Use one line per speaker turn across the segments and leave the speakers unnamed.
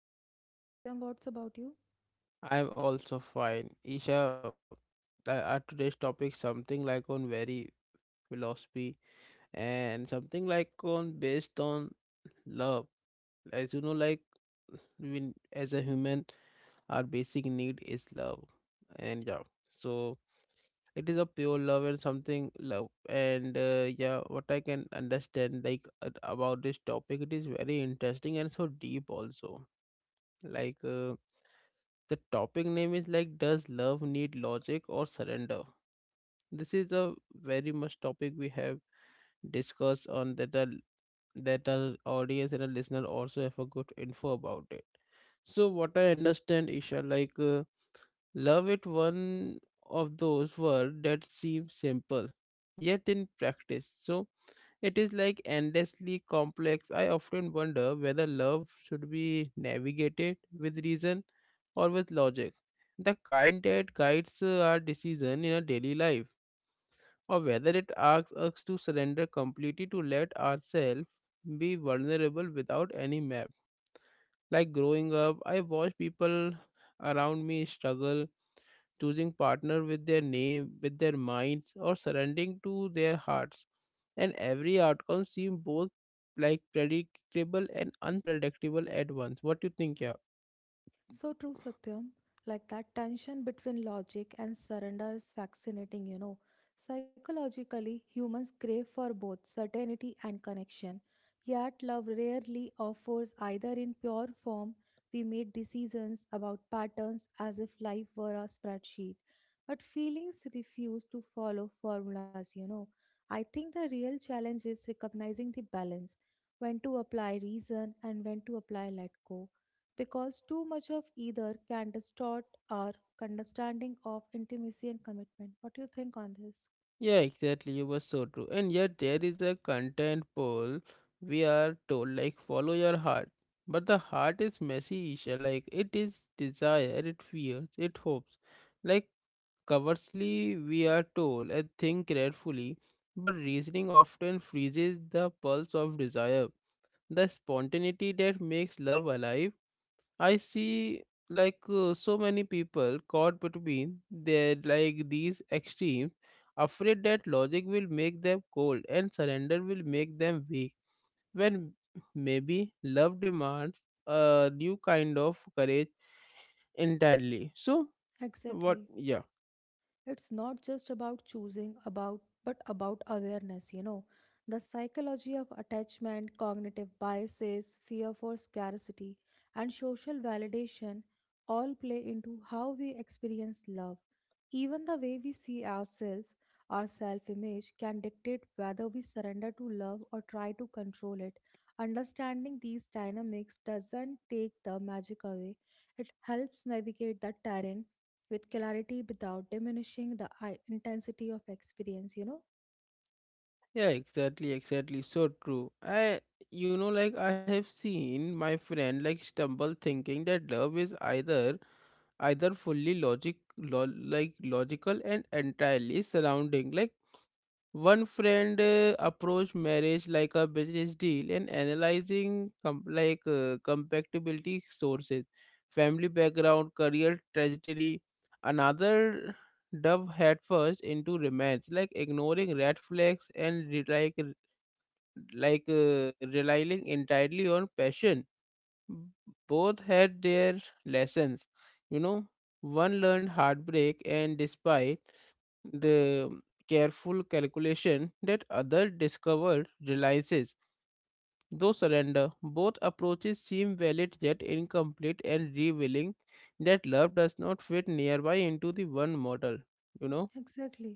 I am fine, Satyam. What's about you?
I am also fine. Isha, our today's topic something like on very philosophy and something like on based on love. As you know like when, as a human our basic need is love and yeah so it is a pure love and something love and yeah what I can understand like about this topic it is very interesting and so deep also like the topic name is like does love need logic or surrender. This is a very much topic we have discussed on that that our audience and our listener also have a good info about it. So what I understand, Isha, like love it one of those words that seem simple, yet in practice, so it is like endlessly complex. I often wonder whether love should be navigated with reason or with logic, the kind that guides our decision in our daily life, or whether it asks us to surrender completely, to let ourselves be vulnerable without any map. Like growing up, I watched people around me struggle choosing partner with their name, with their minds, or surrendering to their hearts. And every outcome seemed both like predictable and unpredictable at once. What do you think, yeah?
So true, Satyam. Like that tension between logic and surrender is fascinating, Psychologically, humans crave for both certainty and connection. Yet, love rarely offers either in pure form. We make decisions about patterns as if life were a spreadsheet. But feelings refuse to follow formulas. I think the real challenge is recognizing the balance when to apply reason and when to apply let go because too much of either can distort our understanding of intimacy and commitment. What do you think on this?
Yeah, exactly. You were so true. And yet there is a content poll we are told like follow your heart. But the heart is messy, Isha. Like it is desire, it fears, it hopes. Like conversely, we are told and think carefully, but reasoning often freezes the pulse of desire, the spontaneity that makes love alive. I see like so many people caught between their like these extremes, afraid that logic will make them cold and surrender will make them weak. When maybe love demands a new kind of courage entirely. So what?
Exactly.
Yeah.
It's not just about choosing about but about awareness. The psychology of attachment, cognitive biases, fear for scarcity, and social validation all play into how we experience love. Even the way we see ourselves, our self image, can dictate whether we surrender to love or try to control it. Understanding these dynamics doesn't take the magic away; it helps navigate the terrain with clarity without diminishing the intensity of experience.
Yeah, exactly, exactly. So true. I, like I have seen my friend like stumble thinking that love is either fully like logical and entirely surrounding like one friend approached marriage like a business deal and analyzing compatibility sources, family background, career trajectory. Another dove head first into romance, like ignoring red flags and relying entirely on passion. Both had their lessons, you know. One learned heartbreak and despite the careful calculation that other discovered realizes though surrender, both approaches seem valid yet incomplete and revealing that love does not fit nearby into the one model you know
Exactly.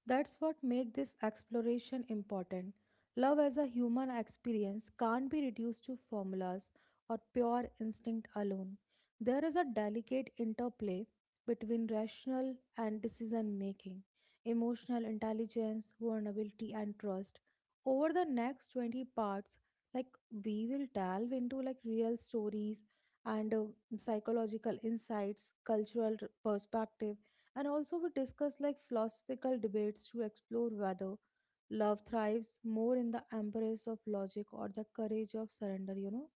That's what makes this exploration important. Love as a human experience can't be reduced to formulas or pure instinct alone. There is a delicate interplay between rational and decision making, emotional intelligence, vulnerability, and trust. Over the next 20 parts, like we will delve into like real stories and psychological insights, cultural perspectives, and also, we discuss like philosophical debates to explore whether love thrives more in the embrace of logic or the courage of surrender.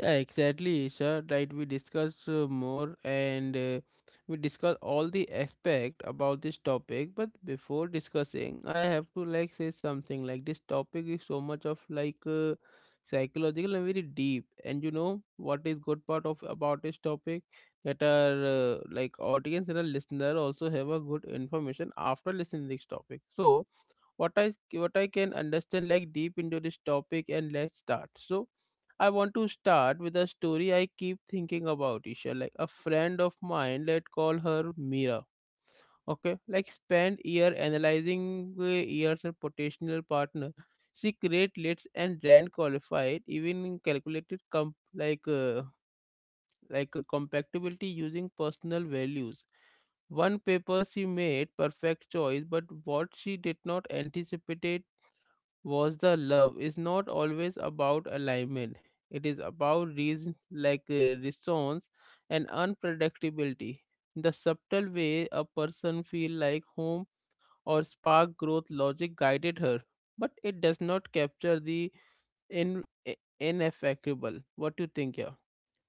Yeah, exactly, sir. Right, we discussed more and we discussed all the aspect about this topic. But before discussing, I have to like say something. Like this topic is so much of like psychological and very deep. And you know what is good part of about this topic that our like audience and our listener also have a good information after listening this topic. So what i what I can understand like deep into this topic, and let's start. So I want to start with a story I keep thinking about, Isha. Like a friend of mine, let's call her Mira, okay, like spend year analyzing years her potential partner. She create lists and ran qualified, even calculated comp like uh, like a compatibility using personal values. One paper she made perfect choice, but what she did not anticipate was the love is not always about alignment. It is about reasons like resonance and unpredictability. The subtle way a person feel like home or spark growth, logic guided her, but it does not capture the ineffectual. What do you think here?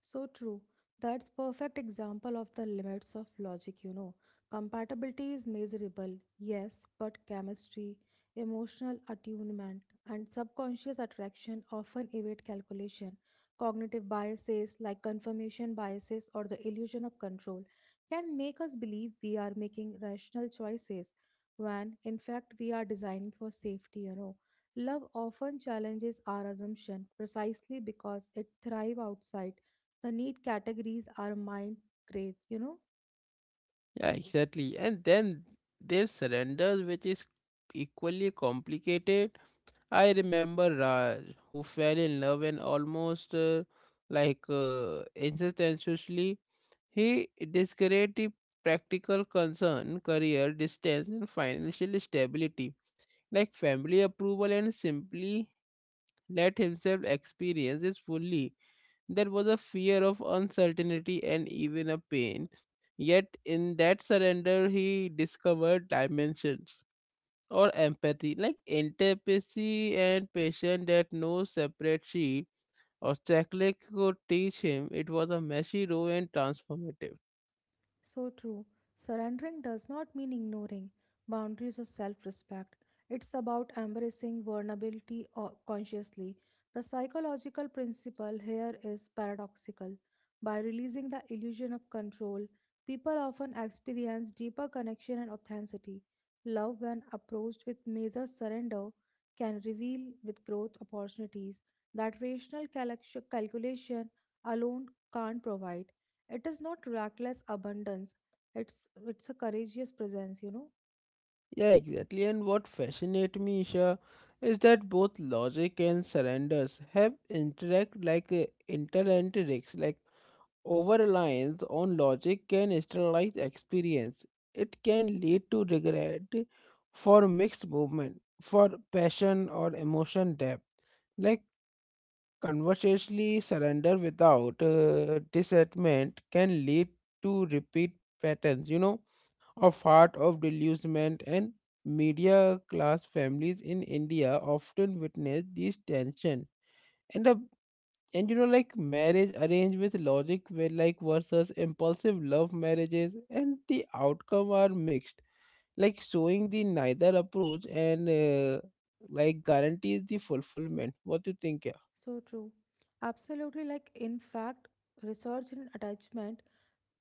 So true. That's perfect example of the limits of logic. Compatibility is measurable, yes, but chemistry, emotional attunement, and subconscious attraction often evade calculation. Cognitive biases like confirmation biases or the illusion of control can make us believe we are making rational choices when in fact we are designing for safety. Love often challenges our assumption precisely because it thrives outside the need categories our mind crave.
Yeah, exactly. And then there's surrender, which is equally complicated. I remember Raj, who fell in love and almost instantaneously, he discouraged the practical concern, career, distance, and financial stability, like family approval, and simply let himself experience it fully. There was a fear of uncertainty and even a pain. Yet, in that surrender, he discovered dimensions or empathy and patience that no separate sheet or checklist could teach him. It was a messy row and transformative.
So true. Surrendering does not mean ignoring boundaries or self respect. It's about embracing vulnerability or consciously. The psychological principle here is paradoxical. By releasing the illusion of control, people often experience deeper connection and authenticity. Love, when approached with major surrender, can reveal with growth opportunities that rational calculation alone can't provide. It is not reckless abundance. It's a courageous presence.
Yeah, exactly, and what fascinates me, Isha, is that both logic and surrenders have interacts like over reliance on logic can sterilize experience. It can lead to regret for mixed movement, for passion or emotion depth. Like conversely, surrender without discernment can lead to repeat patterns, you know, of heart of delusionment. And media class families in India often witness these tension. And the and you know, like marriage arranged with logic where like versus impulsive love marriages, and the outcome are mixed, like showing the neither approach and like guarantees the fulfillment. What do you think?
So true. Absolutely, like in fact, research in attachment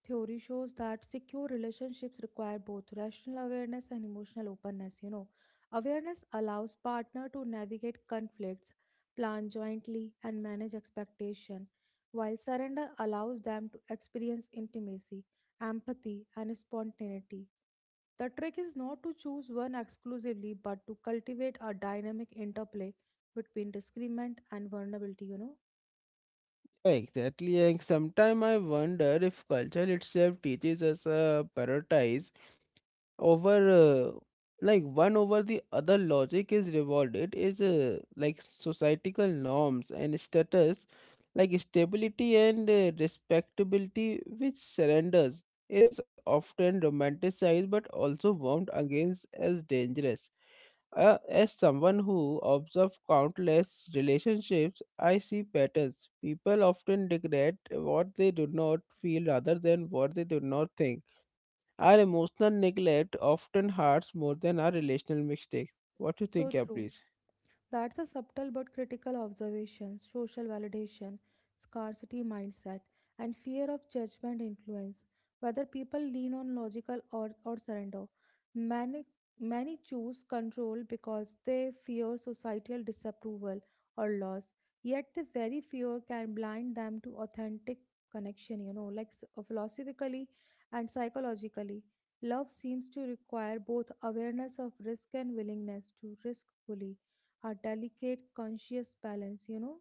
theory shows that secure relationships require both rational awareness and emotional openness. Awareness allows partner to navigate conflicts, plan jointly, and manage expectation, while surrender allows them to experience intimacy, empathy, and spontaneity. The trick is not to choose one exclusively, but to cultivate a dynamic interplay between disagreement and vulnerability.
Exactly, and sometimes I wonder if culture itself teaches us a prioritize over uh, like one over the other. Logic is rewarded is like societal norms and status, like stability and respectability, which surrenders is often romanticized but also warned against as dangerous. As someone who observes countless relationships, I see patterns. People often regret what they do not feel rather than what they do not think. Our emotional neglect often hurts more than our relational mistakes. What do you
So
think, yeah,
true.
please?
That's a subtle but critical observation. Social validation, scarcity mindset, and fear of judgment influence whether people lean on logical or surrender. Many, many choose control because they fear societal disapproval or loss, yet, the very fear can blind them to authentic connection, like philosophically and psychologically. Love seems to require both awareness of risk and willingness to risk fully, a delicate conscious balance.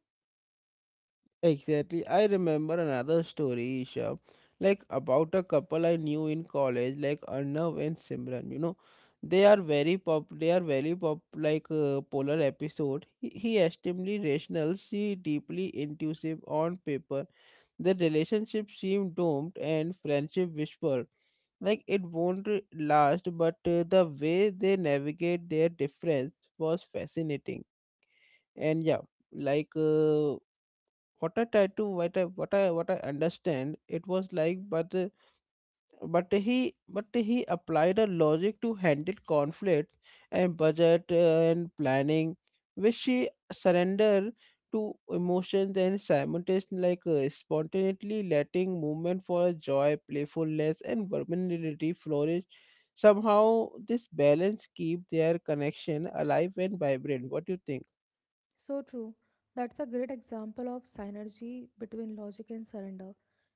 Exactly. I remember another story, Isha, like about a couple I knew in college, like Arnav and Simran. You know, They are very pop, like polar episode. He extremely rational, she deeply intuitive on paper. The relationship seemed doomed, and friendship whispered like it won't last. But the way they navigate their difference was fascinating. And yeah, like what I tried to what I what I what I understand, it was like, but but he applied a logic to handle conflict and budget and planning, which she surrender to emotions, and simultaneously like spontaneously letting movement for joy, playfulness and vulnerability flourish. Somehow this balance keep their connection alive and vibrant. What do you think?
So true. That's a great example of synergy between logic and surrender.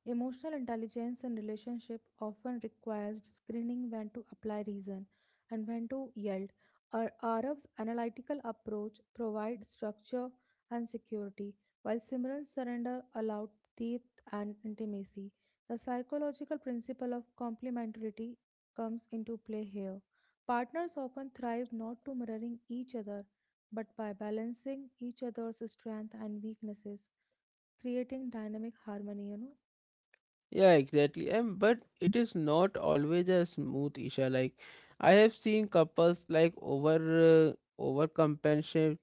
Emotional intelligence in relationship often requires screening when to apply reason and when to yield. Arav's analytical approach provides structure and security, while Simran's surrender allowed depth and intimacy. The psychological principle of complementarity comes into play here. Partners often thrive not to mirroring each other but by balancing each other's strengths and weaknesses, creating dynamic harmony.
Yeah, exactly. And but it is not always a smooth issue. Like I have seen couples like overcompensate.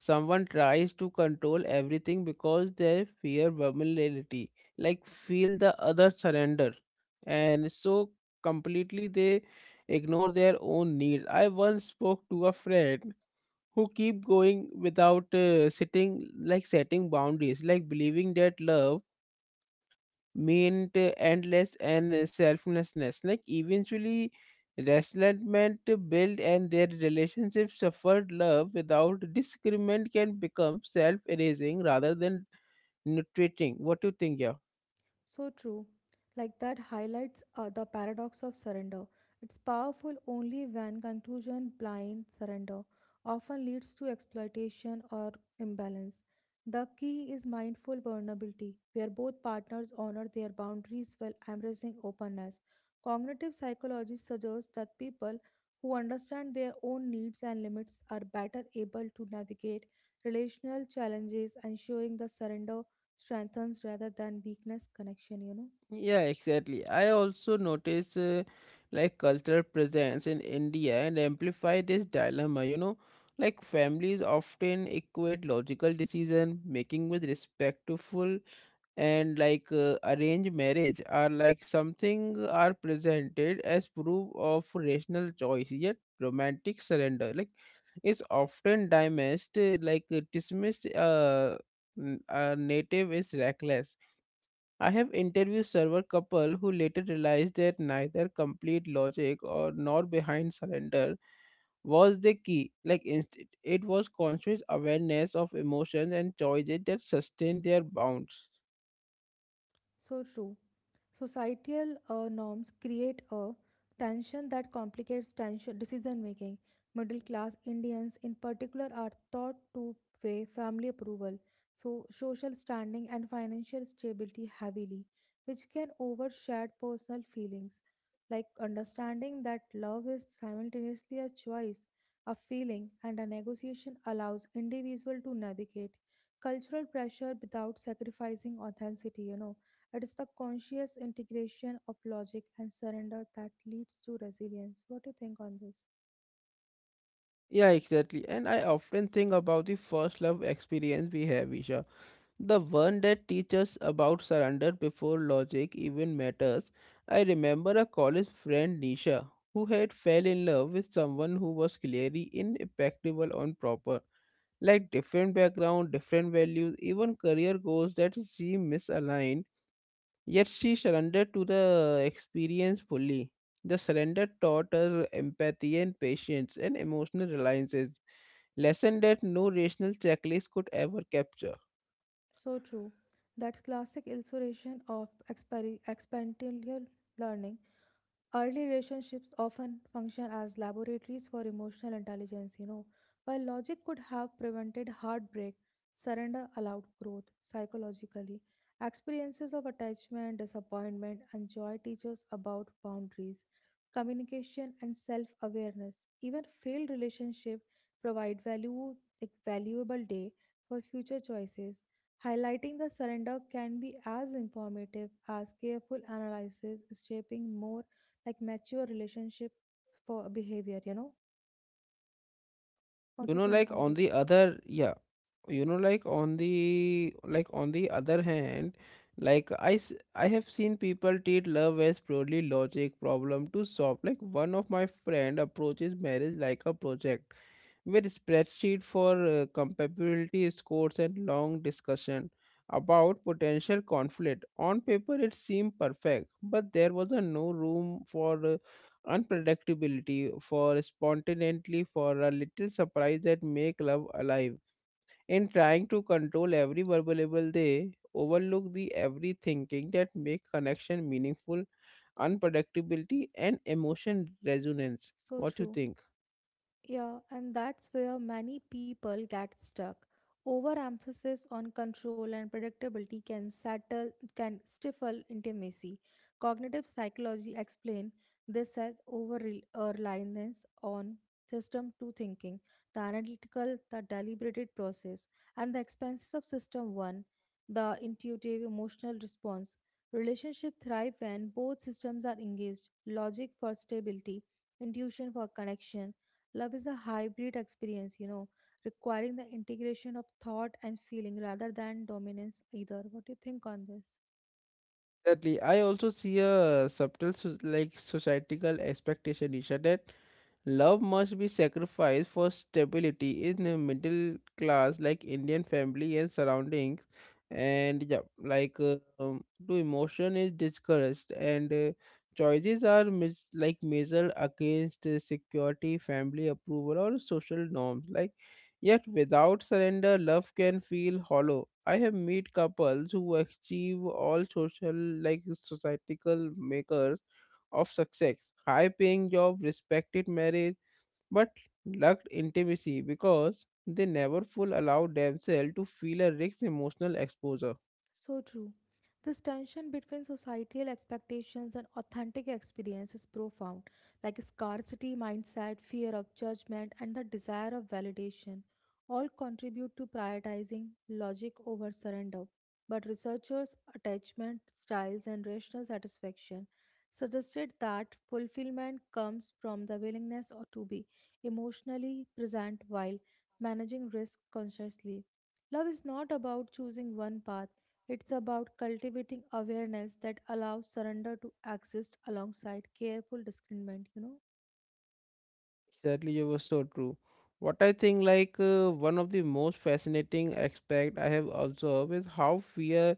Someone tries to control everything because they fear vulnerability, like feel the other surrender, and so completely they ignore their own needs. I once spoke to a friend who keep going without sitting like setting boundaries, like believing that love meant endless and selflessness. Like eventually, resentment built and their relationship suffered. Love without disagreement can become self-erasing rather than nutriting. What do you think, yeah?
So true. Like that highlights the paradox of surrender. It's powerful only when conclusion blind surrender often leads to exploitation or imbalance. The key is mindful vulnerability, where both partners honor their boundaries while embracing openness. Cognitive psychology suggests that people who understand their own needs and limits are better able to navigate relational challenges, ensuring the surrender strengthens rather than weakness connection.
Yeah, exactly. I also notice like cultural presence in India and amplify this dilemma. You know, like families often equate logical decision making with respectful, and like arranged marriage are like something are presented as proof of rational choice. Yet romantic surrender like is often dismissed native is reckless. I have interviewed several couple who later realized that neither complete logic or nor behind surrender was the key. Like instead, it was conscious awareness of emotions and choices that sustained their bonds.
So true. Societal norms create a tension that complicates tension decision making. Middle class Indians, in particular, are taught to weigh family approval, so social standing and financial stability heavily, which can overshadow personal feelings. Like understanding that love is simultaneously a choice, a feeling, and a negotiation allows individual to navigate cultural pressure without sacrificing authenticity. It is the conscious integration of logic and surrender that leads to resilience. What do you think on this?
Yeah, exactly. And I often think about the first love experience we have, Isha. The one that teaches about surrender before logic even matters. I remember a college friend, Nisha, who had fell in love with someone who was clearly impeccable on proper, like different background, different values, even career goals that seem misaligned. Yet she surrendered to the experience fully. The surrender taught her empathy and patience and emotional reliances, lesson that no rational checklist could ever capture.
So true. That classic illustration of experiential learning. Early relationships often function as laboratories for emotional intelligence. While logic could have prevented heartbreak, surrender allowed growth psychologically. Experiences of attachment, disappointment, and joy teach us about boundaries, communication, and self awareness. Even failed relationships provide value, like valuable day for future choices. Highlighting the surrender can be as informative as careful analysis, shaping more like mature relationship for behavior. What
You
do you
know,
think
like
on
on
this?
the other, yeah, you know, like on the other hand, like I have seen people treat love as purely logic problem to solve. Like one of my friend approaches marriage like a project with spreadsheet for compatibility scores and long discussion about potential conflict. On paper, it seemed perfect, but there was a no room for unpredictability, for spontaneity, for a little surprise that make love alive. In trying to control every verbal, they overlook the every thinking that make connection meaningful, unpredictability and emotion resonance.
So
What do you
true.
think?
Yeah, and that's where many people get stuck. Overemphasis on control and predictability can stifle intimacy. Cognitive psychology explain this as over reliance on system two thinking, the analytical, the deliberated process, and the expenses of system one, the intuitive emotional response. Relationship thrive when both systems are engaged, logic for stability, intuition for connection. Love is a hybrid experience, requiring the integration of thought and feeling rather than dominance either. What do you think on this?
Exactly. I also see a subtle societal expectation, Isha, that love must be sacrificed for stability in a middle class like Indian family and surroundings. And yeah, to emotion is discouraged, and choices are measured against security, family approval, or social norms. Like yet without surrender, love can feel hollow. I have met couples who achieve all social, like societal makers of success, high paying job, respected marriage, but lacked intimacy because they never full allowed themselves to feel a rich emotional exposure.
So true. This tension between societal expectations and authentic experience is profound, like scarcity mindset, fear of judgment, and the desire of validation all contribute to prioritizing logic over surrender. But researchers' attachment styles and rational satisfaction suggested that fulfillment comes from the willingness or to be emotionally present while managing risk consciously. Love is not about choosing one path. It's about cultivating awareness that allows surrender to exist alongside careful discernment.
Exactly, you were so true. What I think, one of the most fascinating aspect I have observed is how fear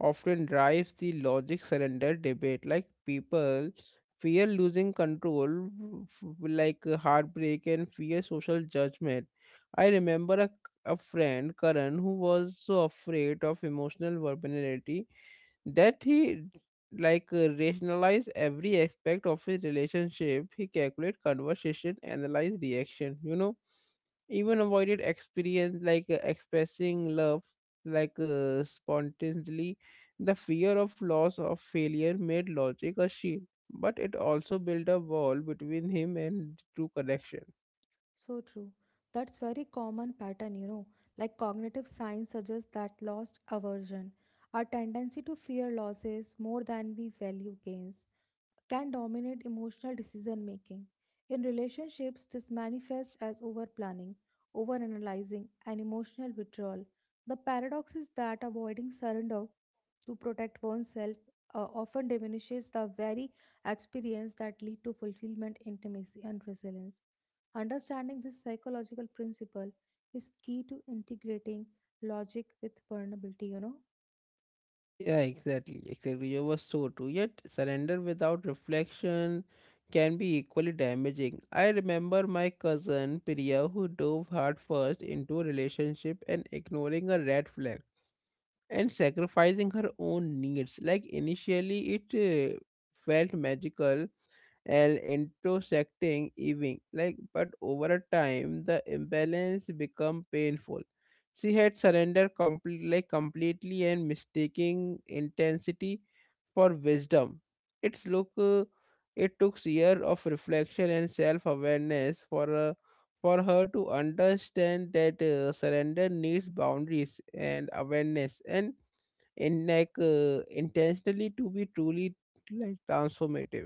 often drives the logic surrender debate. Like, people fear losing control, heartbreak and fear social judgment. I remember a friend, Karan, who was so afraid of emotional vulnerability that he rationalize every aspect of his relationship. He calculate conversation, analyze reaction, even avoided experience like expressing love spontaneously. The fear of loss of failure made logic a shield, but it also built a wall between him and true connection.
So true. That's very common pattern. Like cognitive science suggests that loss aversion, our tendency to fear losses more than we value gains, can dominate emotional decision making. In relationships, this manifests as over planning, over analyzing, and emotional withdrawal. The paradox is that avoiding surrender to protect oneself often diminishes the very experience that lead to fulfillment, intimacy, and resilience. Understanding this psychological principle is key to integrating logic with vulnerability.
Yeah, exactly, exactly. You were so true. Yet, surrender without reflection can be equally damaging. I remember my cousin Priya, who dove headfirst into a relationship and ignoring a red flag and sacrificing her own needs. Like initially, it felt magical and intersecting even, like, but over a time the imbalance become painful. She had surrendered completely and mistaking intensity for wisdom. Its look It took years of reflection and self-awareness for her to understand that surrender needs boundaries and awareness and in like intentionally to be truly like transformative.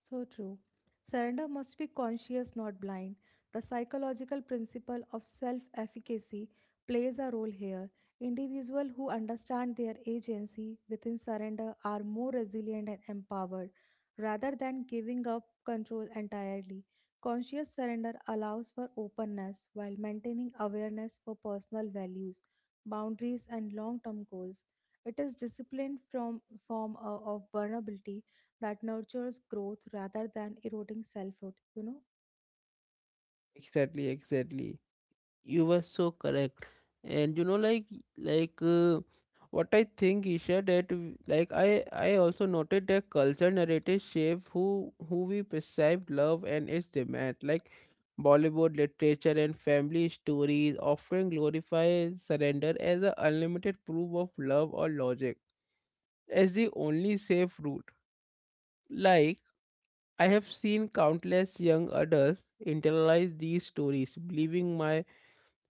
So true. Surrender must be conscious, not blind. The psychological principle of self efficacy plays a role here. Individuals who understand their agency within surrender are more resilient and empowered rather than giving up control entirely. Conscious surrender allows for openness while maintaining awareness for personal values, boundaries, and long term goals. It is disciplined from form of vulnerability that nurtures growth rather than eroding selfhood.
Exactly, exactly. You were so correct. And you know, like uh, what I think, Isha, that I also noted that culture narrative shape who we perceive love and its demand. Like, Bollywood literature and family stories often glorify surrender as a unlimited proof of love, or logic as the only safe route. Like, I have seen countless young adults internalize these stories,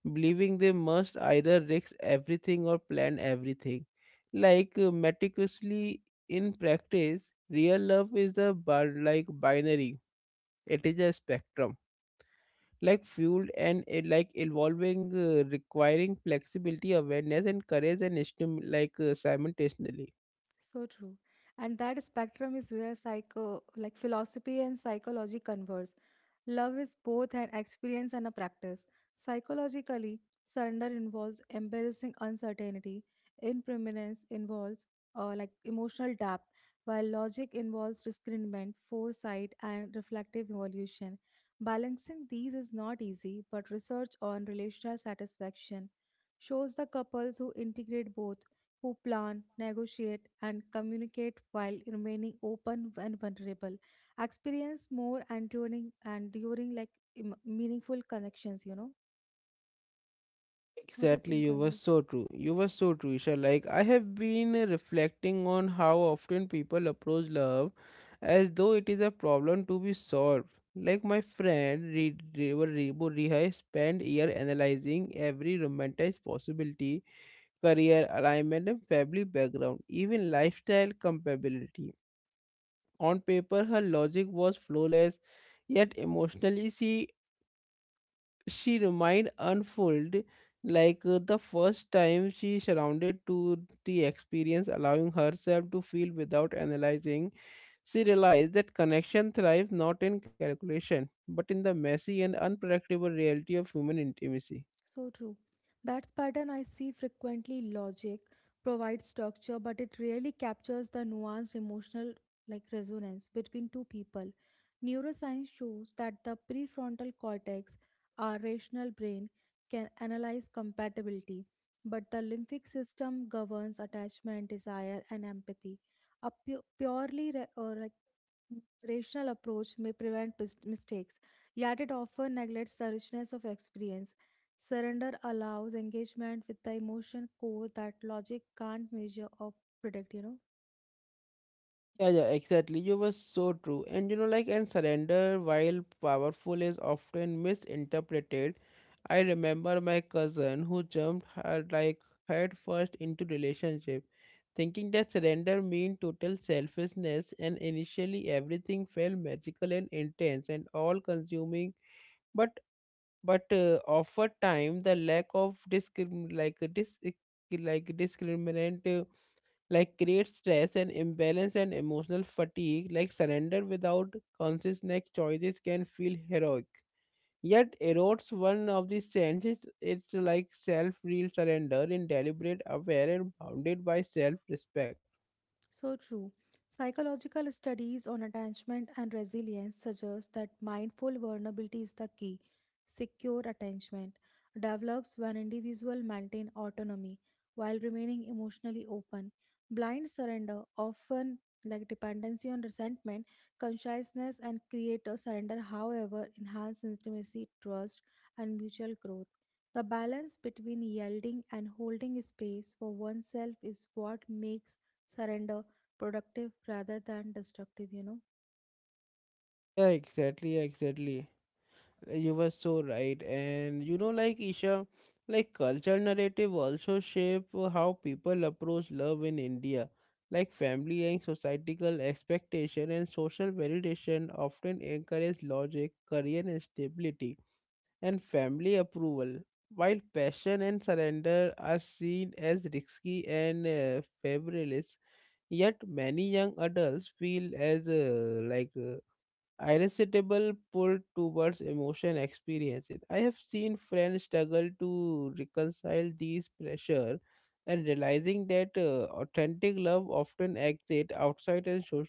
believing they must either risk everything or plan everything. Like meticulously. In practice, real love is a bar- like binary. It is a spectrum, like fueled and like evolving, requiring flexibility, awareness, and courage, and simultaneously.
So true. And that spectrum is where psycho like philosophy and psychology converge. Love is both an experience and a practice. Psychologically, surrender involves embarrassing uncertainty. Impermanence involves like emotional depth, while logic involves discernment, foresight, and reflective evolution. Balancing these is not easy, but research on relational satisfaction shows the couples who integrate both, who plan, negotiate, and communicate while remaining open and vulnerable, experience more enduring, meaningful connections. What do you
Exactly,
think
you
on
were
this?
so true. You were so true, Isha. Like, I have been reflecting on how often people approach love as though it is a problem to be solved. Like, my friend Re- Rebo Rebo Rihai spent year analyzing every romanticized possibility, career alignment, and family background, even lifestyle compatibility. On paper, her logic was flawless, yet emotionally, she remained unfold. The first time she surrounded to the experience, allowing herself to feel without analyzing, she realized that connection thrives not in calculation but in the messy and unpredictable reality of human intimacy.
So true. That's pattern I see frequently. Logic provides structure, but it rarely captures the nuanced emotional like resonance between two people. Neuroscience shows that the prefrontal cortex, our rational brain, can analyze compatibility, but the lymphic system governs attachment, desire, and empathy. A purely ra- or like rational approach may prevent mistakes, yet it often neglects the richness of experience. Surrender allows engagement with the emotion core that logic can't measure or predict.
Yeah, yeah, exactly. You were so true. And you know, like, and surrender, while powerful, is often misinterpreted. I remember my cousin who jumped her like head first into relationship, thinking that surrender mean total selfishness, and initially everything felt magical and intense and all consuming. But over time, the lack of discriminant like create stress and imbalance and emotional fatigue. Like surrender without conscious neck choices can feel heroic yet erodes one of the senses. It's like self-real surrender in deliberate, aware, and bounded by self-respect.
So true. Psychological studies on attachment and resilience suggest that mindful vulnerability is the key. Secure attachment develops when individuals maintain autonomy while remaining emotionally open. Blind surrender, often like dependency on resentment, consciousness, and creator surrender, however, enhance intimacy, trust, and mutual growth. The balance between yielding and holding space for oneself is what makes surrender, productive rather than destructive.
Yeah, exactly, exactly. You were so right. And you know, like Isha, like cultural narrative also shape how people approach love in India. Like family and societal expectation and social validation often encourage logic, career and stability, and family approval, while passion and surrender are seen as risky and frivolous. Yet many young adults feel as irresistible pull towards emotion experiences. I have seen friends struggle to reconcile these pressure and realizing that authentic love often exits outside and so-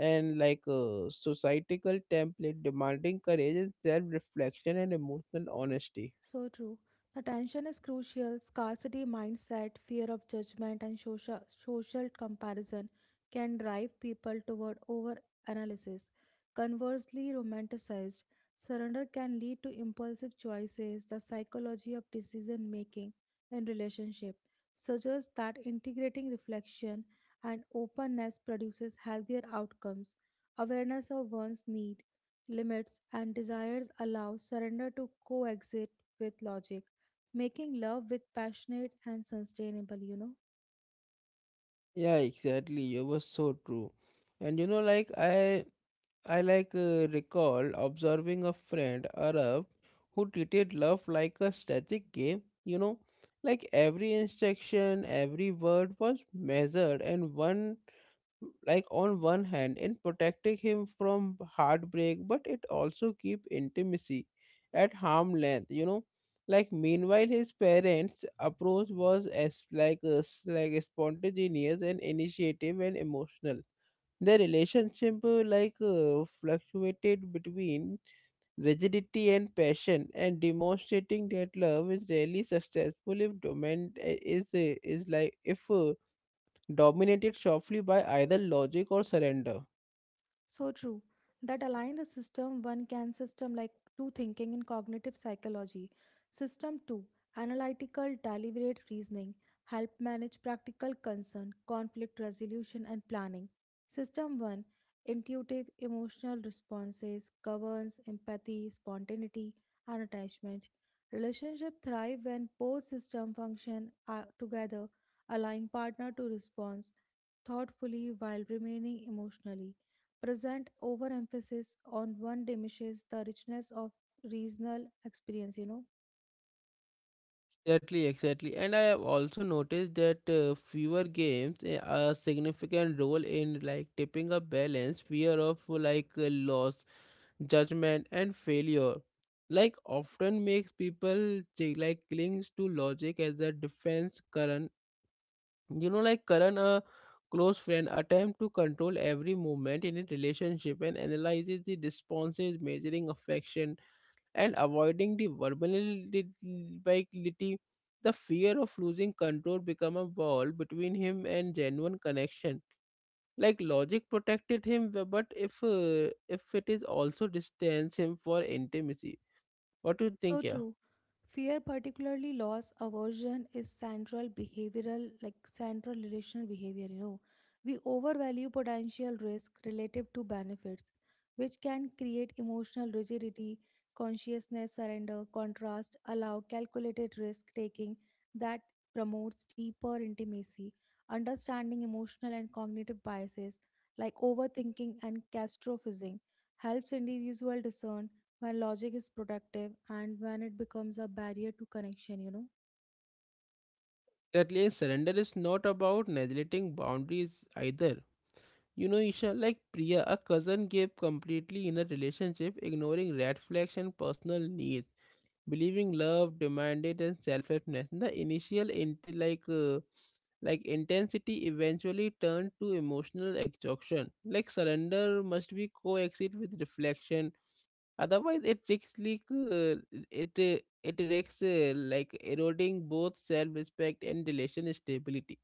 and like a societal template, demanding courage and self-reflection and emotional honesty.
So true. The tension is crucial. Scarcity mindset, fear of judgment, and social comparison can drive people toward over analysis. Conversely, romanticized surrender can lead to impulsive choices. The psychology of decision making in relationship suggests that integrating reflection and openness produces healthier outcomes. Awareness of one's need, limits, and desires allow surrender to coexist with logic, making love with passionate and sustainable.
Yeah, exactly. You were so true. And you know, like, I like recall observing a friend Arab, who treated love like a static game, you know, like every instruction, every word was measured, and one like on one hand in protecting him from heartbreak, but it also keep intimacy at harm length, you know. Like meanwhile, his parents' approach was as like spontaneous and initiative and emotional. The relationship fluctuated between rigidity and passion, and demonstrating that love is rarely successful if domain is like if dominated sharply by either logic or surrender.
So true. That align the system one can system like two thinking in cognitive psychology. System two, analytical deliberate reasoning, help manage practical concern, conflict resolution, and planning. System one, intuitive emotional responses, governs empathy, spontaneity, and attachment. Relationship thrive when both system function together, allowing partner to respond thoughtfully while remaining emotionally present. Overemphasis on one diminishes the richness of regional experience.
Exactly, exactly. And I have also noticed that fewer games a significant role in like tipping a balance. Fear of like loss, judgment, and failure like often makes people clings to logic as a defense current, you know, like current a close friend attempt to control every movement in a relationship and analyzes the responses, measuring affection and avoiding the verbality. The fear of losing control become a wall between him and genuine connection. Like logic protected him, b- but if it is also distance him for intimacy. What do you think?
So
Yeah,
true. Fear, particularly loss aversion, is central behavioral, like central relational behavior. You know, we overvalue potential risk relative to benefits, which can create emotional rigidity, consciousness surrender, contrast, allow calculated risk taking that promotes deeper intimacy, understanding emotional and cognitive biases like overthinking and catastrophizing helps individual discern when logic is protective and when it becomes a barrier to connection, you know.
that least surrender is not about neglecting boundaries either, you know, Isha. Like Priya, a cousin, gave completely in a relationship, ignoring red flags and personal needs, believing love demanded and selflessness. The initial intensity eventually turned to emotional exhaustion. Like surrender must be coexist with reflection. Otherwise, it risks like eroding both self-respect and relation stability.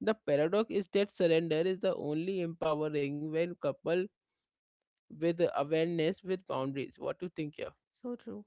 The paradox is that surrender is the only empowering when coupled with awareness, with boundaries. What do you think here?
So true.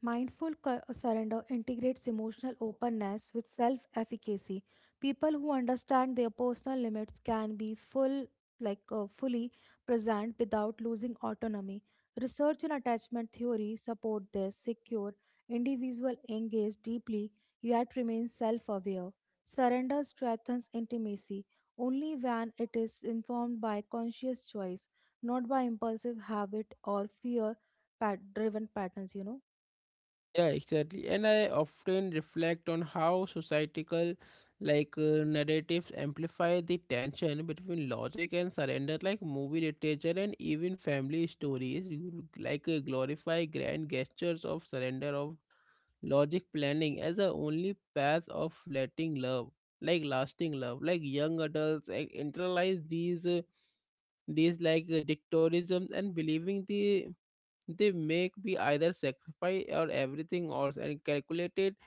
Mindful surrender integrates emotional openness with self efficacy. People who understand their personal limits can be full, fully present without losing autonomy. Research in attachment theory support this secure individual engage deeply yet remain self-aware. Surrender strengthens intimacy only when it is informed by conscious choice, not by impulsive habit or fear-driven patterns, you know.
Yeah, exactly. And I often reflect on how societal, narratives, amplify the tension between logic and surrender, like movie literature and even family stories, glorify grand gestures of surrender of logic planning as the only path of letting love, like lasting love. Like young adults like, internalize these. These like dictatorisms and believing the they make me either sacrifice or everything or and calculated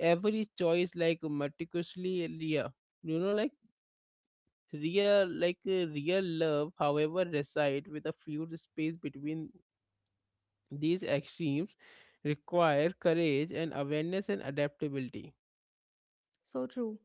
every choice like meticulously real, you know, like real love however reside with a few space between these extremes, require courage and awareness and adaptability.
So true.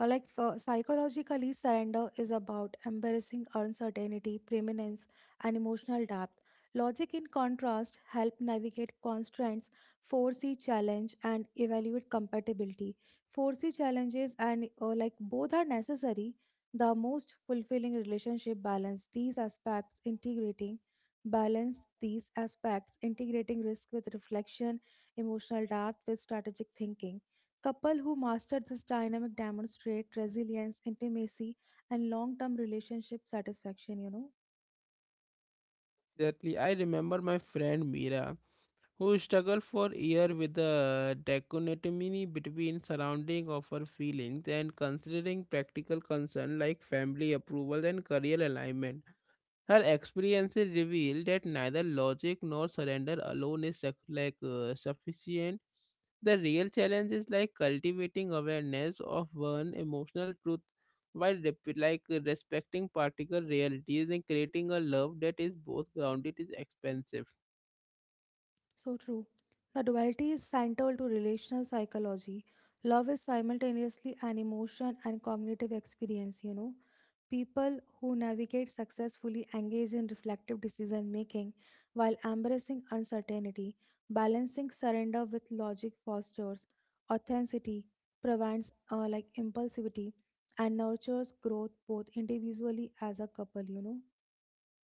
Like for psychologically, surrender is about embarrassing uncertainty, preeminence, and emotional depth. Logic, in contrast, help navigate constraints, foresee challenge, and evaluate compatibility. Foresee challenges and like both are necessary. The most fulfilling relationship balance these aspects, integrating risk with reflection, emotional depth with strategic thinking. Couple who master this dynamic demonstrate resilience, intimacy, and long-term relationship satisfaction, you know.
Exactly. I remember my friend Mira, who struggled for years with the dichotomy between surrounding of her feelings and considering practical concerns like family approval and career alignment. Her experiences reveal that neither logic nor surrender alone is sufficient. The real challenge is like cultivating awareness of one emotional truth while respecting particular realities and creating a love that is both grounded and expansive.
So true. The duality is central to relational psychology. Love is simultaneously an emotion and cognitive experience, you know. People who navigate successfully engage in reflective decision making while embracing uncertainty, balancing surrender with logic fosters authenticity, prevents like impulsivity, and nurtures growth both individually as a couple, you know.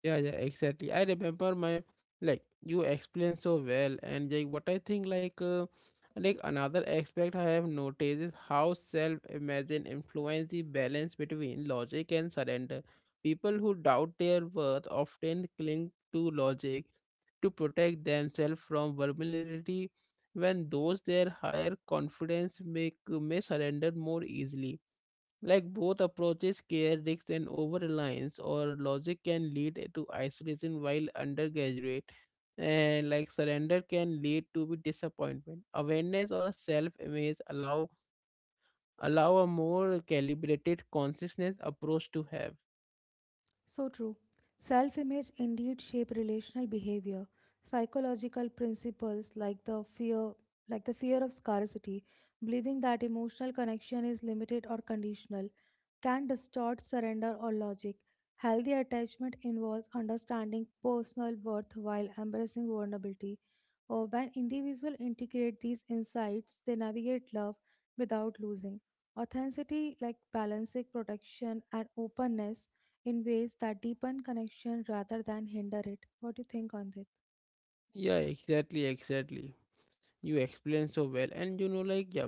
Yeah, yeah, exactly. I remember my like You explained so well, and like what I think like another aspect I have noticed is how self-imagine influence the balance between logic and surrender. People who doubt their worth often cling to logic to protect themselves from vulnerability, when those their higher confidence make may surrender more easily. Like both approaches care risks and over reliance or logic can lead to isolation, while undergraduate and like surrender can lead to be disappointment. Awareness or self image allow a more calibrated consciousness approach to have.
So true. Self image indeed shape relational behavior. Psychological principles like the fear of scarcity, believing that emotional connection is limited or conditional, can distort surrender or logic. Healthy attachment involves understanding personal worth while embracing vulnerability. Or when individuals integrate these insights, they navigate love without losing authenticity, like balancing protection and openness in ways that deepen connection rather than hinder it. What do you think on this?
Yeah, exactly, exactly. You explain so well, and you know, like yeah,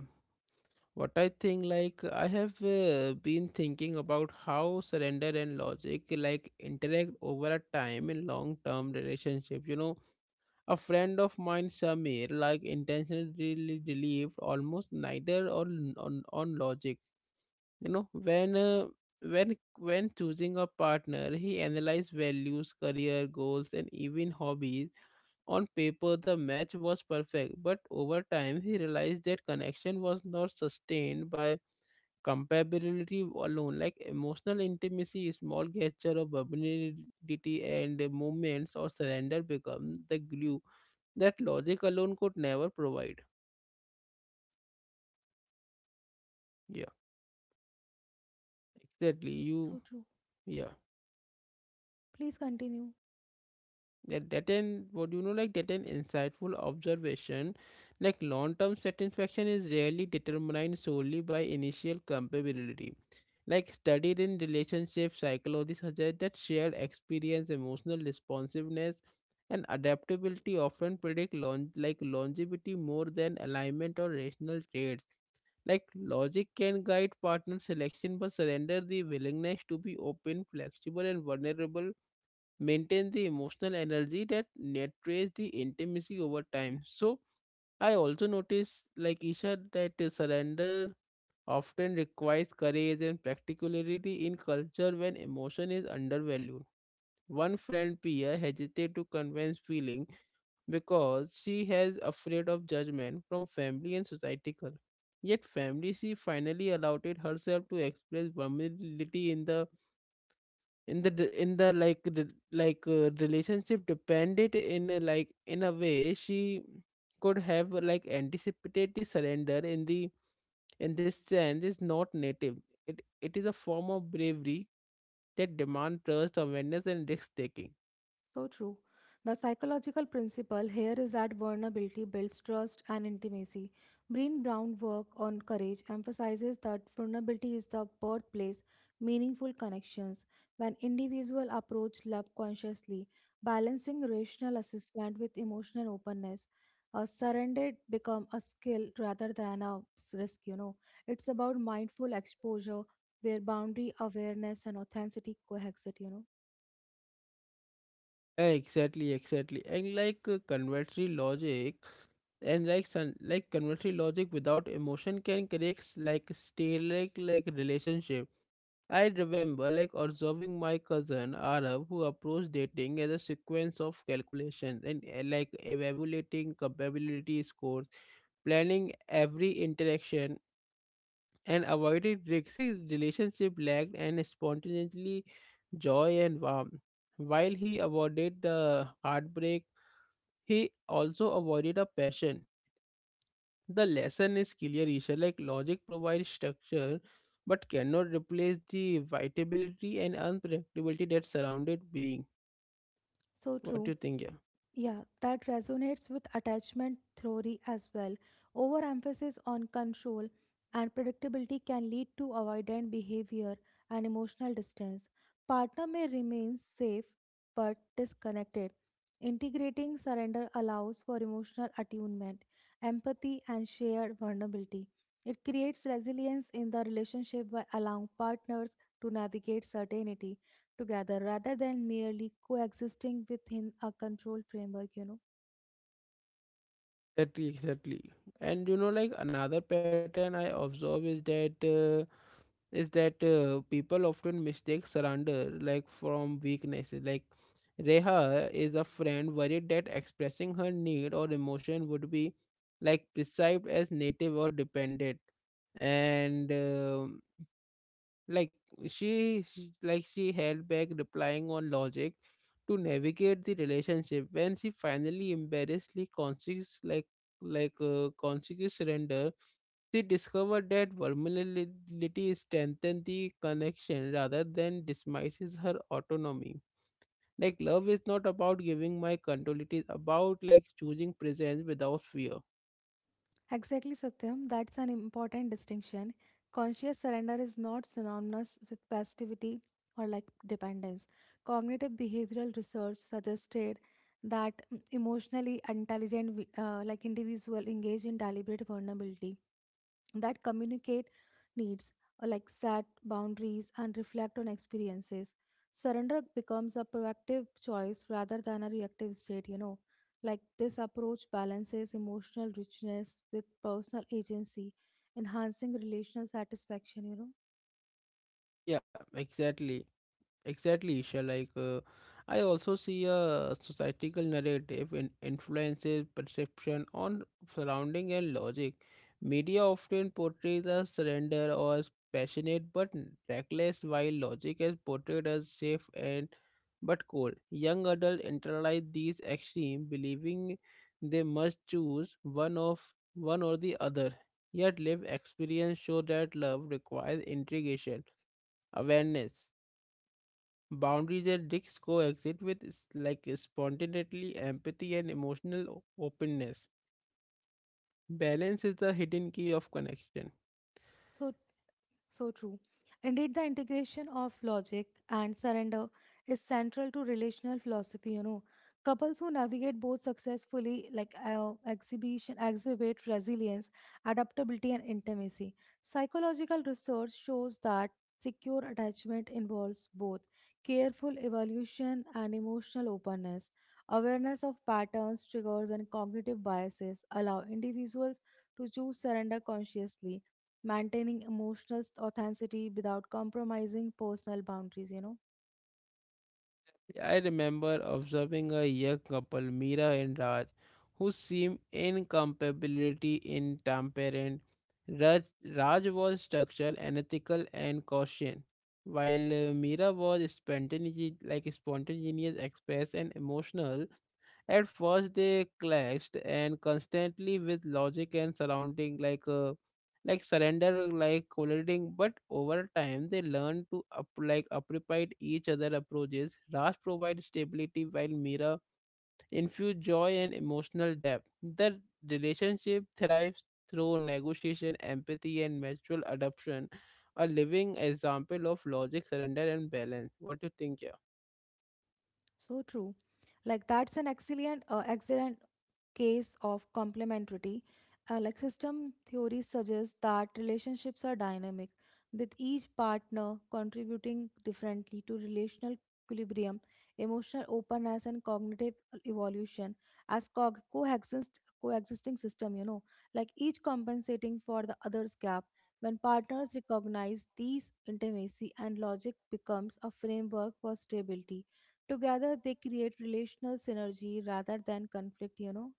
what I think, like I have been thinking about how surrender and logic like interact over a time in long term relationship. You know, a friend of mine, Samir, like intentionally relieved almost neither on logic. You know, when choosing a partner, he analyzed values, career goals, and even hobbies. On paper, the match was perfect, but over time, he realized that connection was not sustained by compatibility alone. Like emotional intimacy, small gesture of vulnerability, and moments or surrender become the glue that logic alone could never provide. Yeah, exactly.
So true.
Yeah,
Please continue.
that an insightful observation, like long term satisfaction is rarely determined solely by initial compatibility. Like studied in relationship psychology suggests that shared experience, emotional responsiveness, and adaptability often predict longevity more than alignment or rational traits. Like logic can guide partner selection, but surrender, the willingness to be open, flexible, and vulnerable, maintain the emotional energy that nurtures the intimacy over time. So I also notice, like Isha, that the surrender often requires courage and practicality in culture when emotion is undervalued. One friend peer hesitated to convince feeling because she has afraid of judgment from family and societal. Yet family she finally allowed it herself to express vulnerability in the d- in the like re- like relationship depended in a, like in a way she could have like anticipated. The surrender in the in this sense is not native. It is a form of bravery that demand trust, awareness, and risk taking.
So true. The psychological principle here is that vulnerability builds trust and intimacy. Breen Brown's work on courage emphasizes that vulnerability is the birthplace meaningful connections when individuals approach love consciously, balancing rational assessment with emotional openness. A surrender become a skill rather than a risk, you know. It's about mindful exposure where boundary awareness and authenticity coexist, you know.
Exactly, exactly. And like convertory logic, and like convertory logic without emotion can create stale like relationship. I remember like observing my cousin Arab, who approached dating as a sequence of calculations and like evaluating compatibility scores, planning every interaction and avoided risks. His relationship lacked and spontaneously joy and warmth. While he avoided the heartbreak, he also avoided a passion. The lesson is clear, Isha. Like logic provides structure, but cannot replace the vitality and unpredictability that surrounded being.
So
What do you
true.
think? Yeah.
Yeah, that resonates with attachment theory as well. Overemphasis on control and predictability can lead to avoidant behavior and emotional distance. Partner may remain safe but disconnected. Integrating surrender allows for emotional attunement, empathy, and shared vulnerability. It creates resilience in the relationship by allowing partners to navigate certainty together rather than merely coexisting within a control framework, you know.
Exactly, exactly. And you know, like another pattern I observe is that people often mistake surrender like from weaknesses. Like Reha is a friend worried that expressing her need or emotion would be like perceived as native or dependent, and like she held back replying on logic to navigate the relationship when she finally embarrassedly conscious conscious surrender. She discovered that vulnerability strengthens the connection rather than dismisses her autonomy. Like, love is not about giving my control, it is about like choosing presence without fear.
Exactly, Satyam. That's an important distinction. Conscious surrender is not synonymous with passivity or like dependence. Cognitive behavioral research suggested that emotionally intelligent like individual engage in deliberate vulnerability that communicate needs, like set boundaries and reflect on experiences. Surrender becomes a proactive choice rather than a reactive state, you know. Like this approach balances emotional richness with personal agency, enhancing relational satisfaction, you know
Yeah, exactly. Exactly, Isha. Like, I also see a societal narrative in influences perception on surrounding and logic. Media often portrays as surrender or as passionate but reckless, while logic is portrayed as safe and but cold. Young adults internalize these extremes, believing they must choose one or the other. Yet, live experience show that love requires integration, awareness. Boundaries and risks coexist with spontaneity, empathy, and emotional openness. Balance is the hidden key of connection.
so So true. Indeed, the integration of logic and surrender is central to relational philosophy. You know, couples who navigate both successfully, exhibit resilience, adaptability, and intimacy. Psychological research shows that secure attachment involves both careful evaluation and emotional openness. Awareness of patterns, triggers, and cognitive biases allow individuals to choose surrender consciously, maintaining emotional authenticity without compromising personal boundaries, you know.
I remember observing a young couple, Mira and Raj, who seemed incomparability in temperament. Raj, Raj was structured, analytical, and cautious, while Mira was spontaneous, express, and emotional. At first, they clashed, and constantly with logic and surrounding, like surrender like colliding, but over time they learn to up, like appropriate each other approaches. Rust provides stability while Mira infuse joy and emotional depth. The relationship thrives through negotiation, empathy, and mutual adoption, a living example of logic, surrender, and balance. What do you think, yeah?
So true. Like that's an excellent case of complementarity. Like system theory suggests that relationships are dynamic, with each partner contributing differently to relational equilibrium, emotional openness, and cognitive evolution as coexisting system. You know, like each compensating for the other's gap. When partners recognize these intimacy and logic becomes a framework for stability. Together they create relational synergy rather than conflict, you know.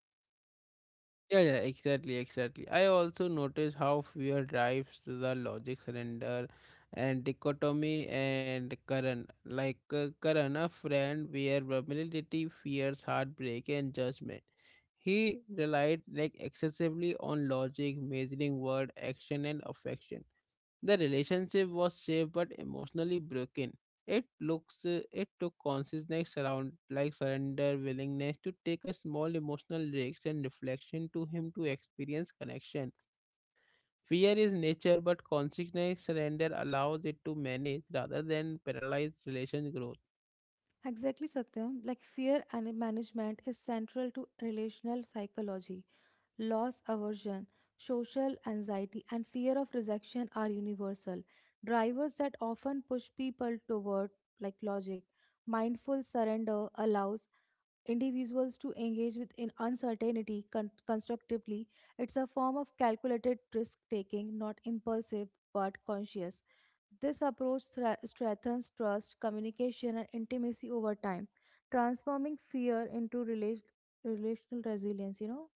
Yeah, exactly, I also notice how fear drives the logic surrender and dichotomy and Karan. Like Karan, a friend where vulnerability fears heartbreak and judgment. He relied like excessively on logic, measuring word, action, and affection. The relationship was safe but emotionally broken. It took consciousness around like surrender, willingness to take a small emotional risk and reflection to him to experience connection. Fear is nature, but consciousness surrender allows it to manage rather than paralyze relation growth.
Exactly, Satyam. Like fear and management is central to relational psychology. Loss aversion, social anxiety, and fear of rejection are universal drivers that often push people toward like logic. Mindful surrender allows individuals to engage with in uncertainty constructively. It's a form of calculated risk taking, not impulsive but conscious. This approach strengthens trust, communication, and intimacy over time, transforming fear into relational resilience, you know.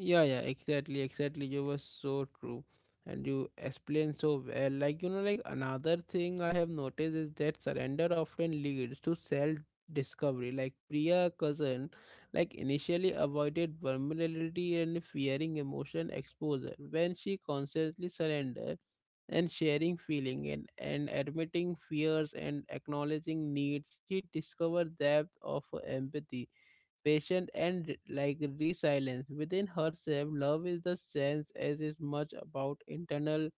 Yeah, exactly, You were so true, and you explained so well. Like, you know, like another thing I have noticed is that surrender often leads to self discovery. Like, Priya cousin, like, initially avoided vulnerability and fearing emotion exposure. When she consciously surrendered and sharing feeling and, admitting fears and acknowledging needs, she discovered depth of empathy, patient, and like resilience within herself. Love is the sense as is much about internal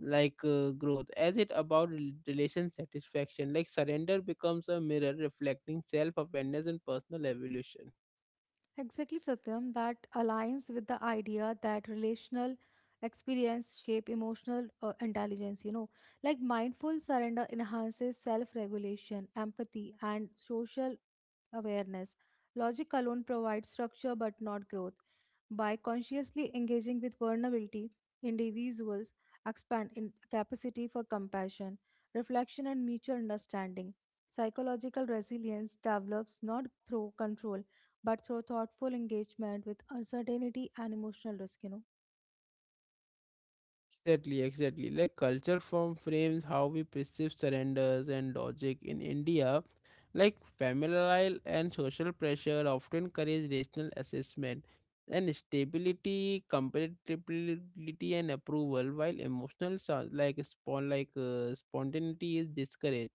growth as it about relation satisfaction. Like surrender becomes a mirror reflecting self awareness and personal evolution.
Exactly, Satyam, that aligns with the idea that relational experience shape emotional intelligence, you know. Like mindful surrender enhances self regulation, empathy, and social awareness. Logic alone provides structure but not growth. By consciously engaging with vulnerability, individuals expand in capacity for compassion, reflection, and mutual understanding. Psychological resilience develops not through control but through thoughtful engagement with uncertainty and emotional risk, you know.
Exactly, exactly. Like culture form frames how we perceive surrenders and logic in India. Like familial and social pressure often encourage rational assessment and stability, compatibility, and approval, while emotional so- like spawn like spontaneity is discouraged.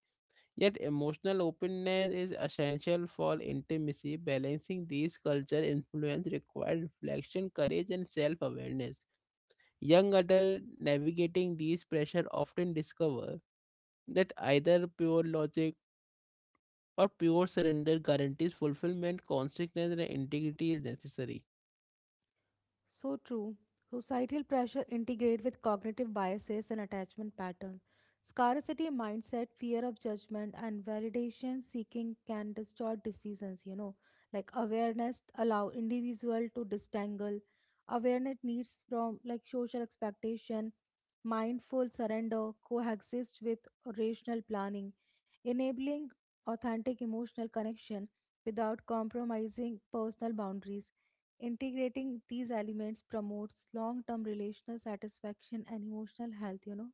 Yet emotional openness is essential for intimacy. Balancing these culture influence requires reflection, courage, and self-awareness. Young adults navigating these pressure often discover that either pure logic or pure surrender guarantees fulfillment, consequence, and integrity is necessary.
So true. Societal pressure integrate with cognitive biases and attachment patterns. Scarcity mindset, fear of judgment, and validation seeking can distort decisions, you know. Like awareness allow individual to disentangle. Awareness needs from like social expectation, mindful surrender, coexist with rational planning, enabling authentic emotional connection without compromising personal boundaries. Integrating these elements promotes long term relational satisfaction and emotional health, you know.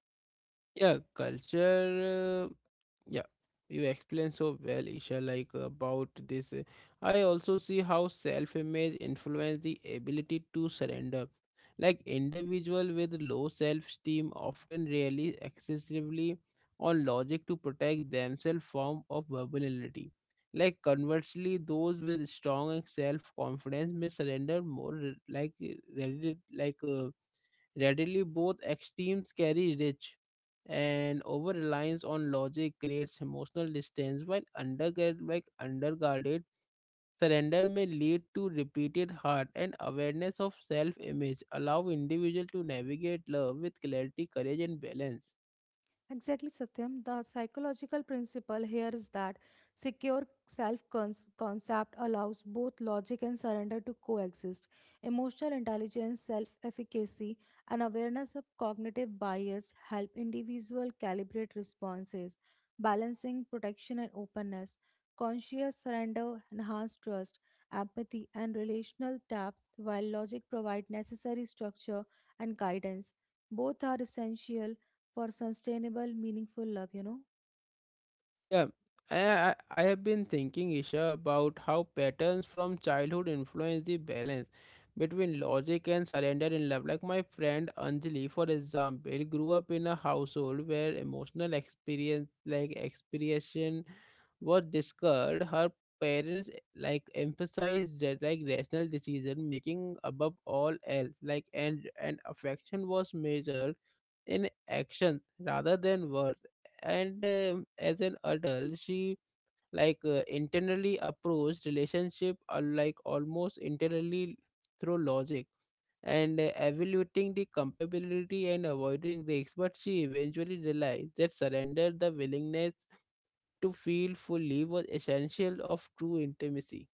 Yeah, culture. Yeah, you explain so well, Isha, like about this. I also see how self-image influence the ability to surrender. Like individual with low self-esteem often rely excessively on logic to protect themselves from of vulnerability. Like conversely, those with strong self-confidence may surrender more, readily. Both extremes carry risk and over reliance on logic creates emotional distance while undergird like underguarded surrender may lead to repeated heart. And awareness of self image allow individual to navigate love with clarity, courage, and balance.
Exactly, Satyam. The psychological principle here is that secure self concept allows both logic and surrender to coexist. Emotional intelligence, self efficacy, and awareness of cognitive bias help individual calibrate responses, balancing protection and openness. Conscious surrender enhances trust, empathy, and relational depth, while logic provides necessary structure and guidance. Both are essential for sustainable, meaningful love, you know.
Yeah, I have been thinking, Isha, about how patterns from childhood influence the balance between logic and surrender in love. Like my friend Anjali, for example, grew up in a household where emotional experience, like expression, was discussed. Her parents like emphasized that like rational decision making above all else, like and affection was measured in actions rather than words, and as an adult she internally approached relationship like almost internally through logic and evaluating the compatibility and avoiding risks, but she eventually realized that surrender, the willingness to feel fully, was essential of true intimacy.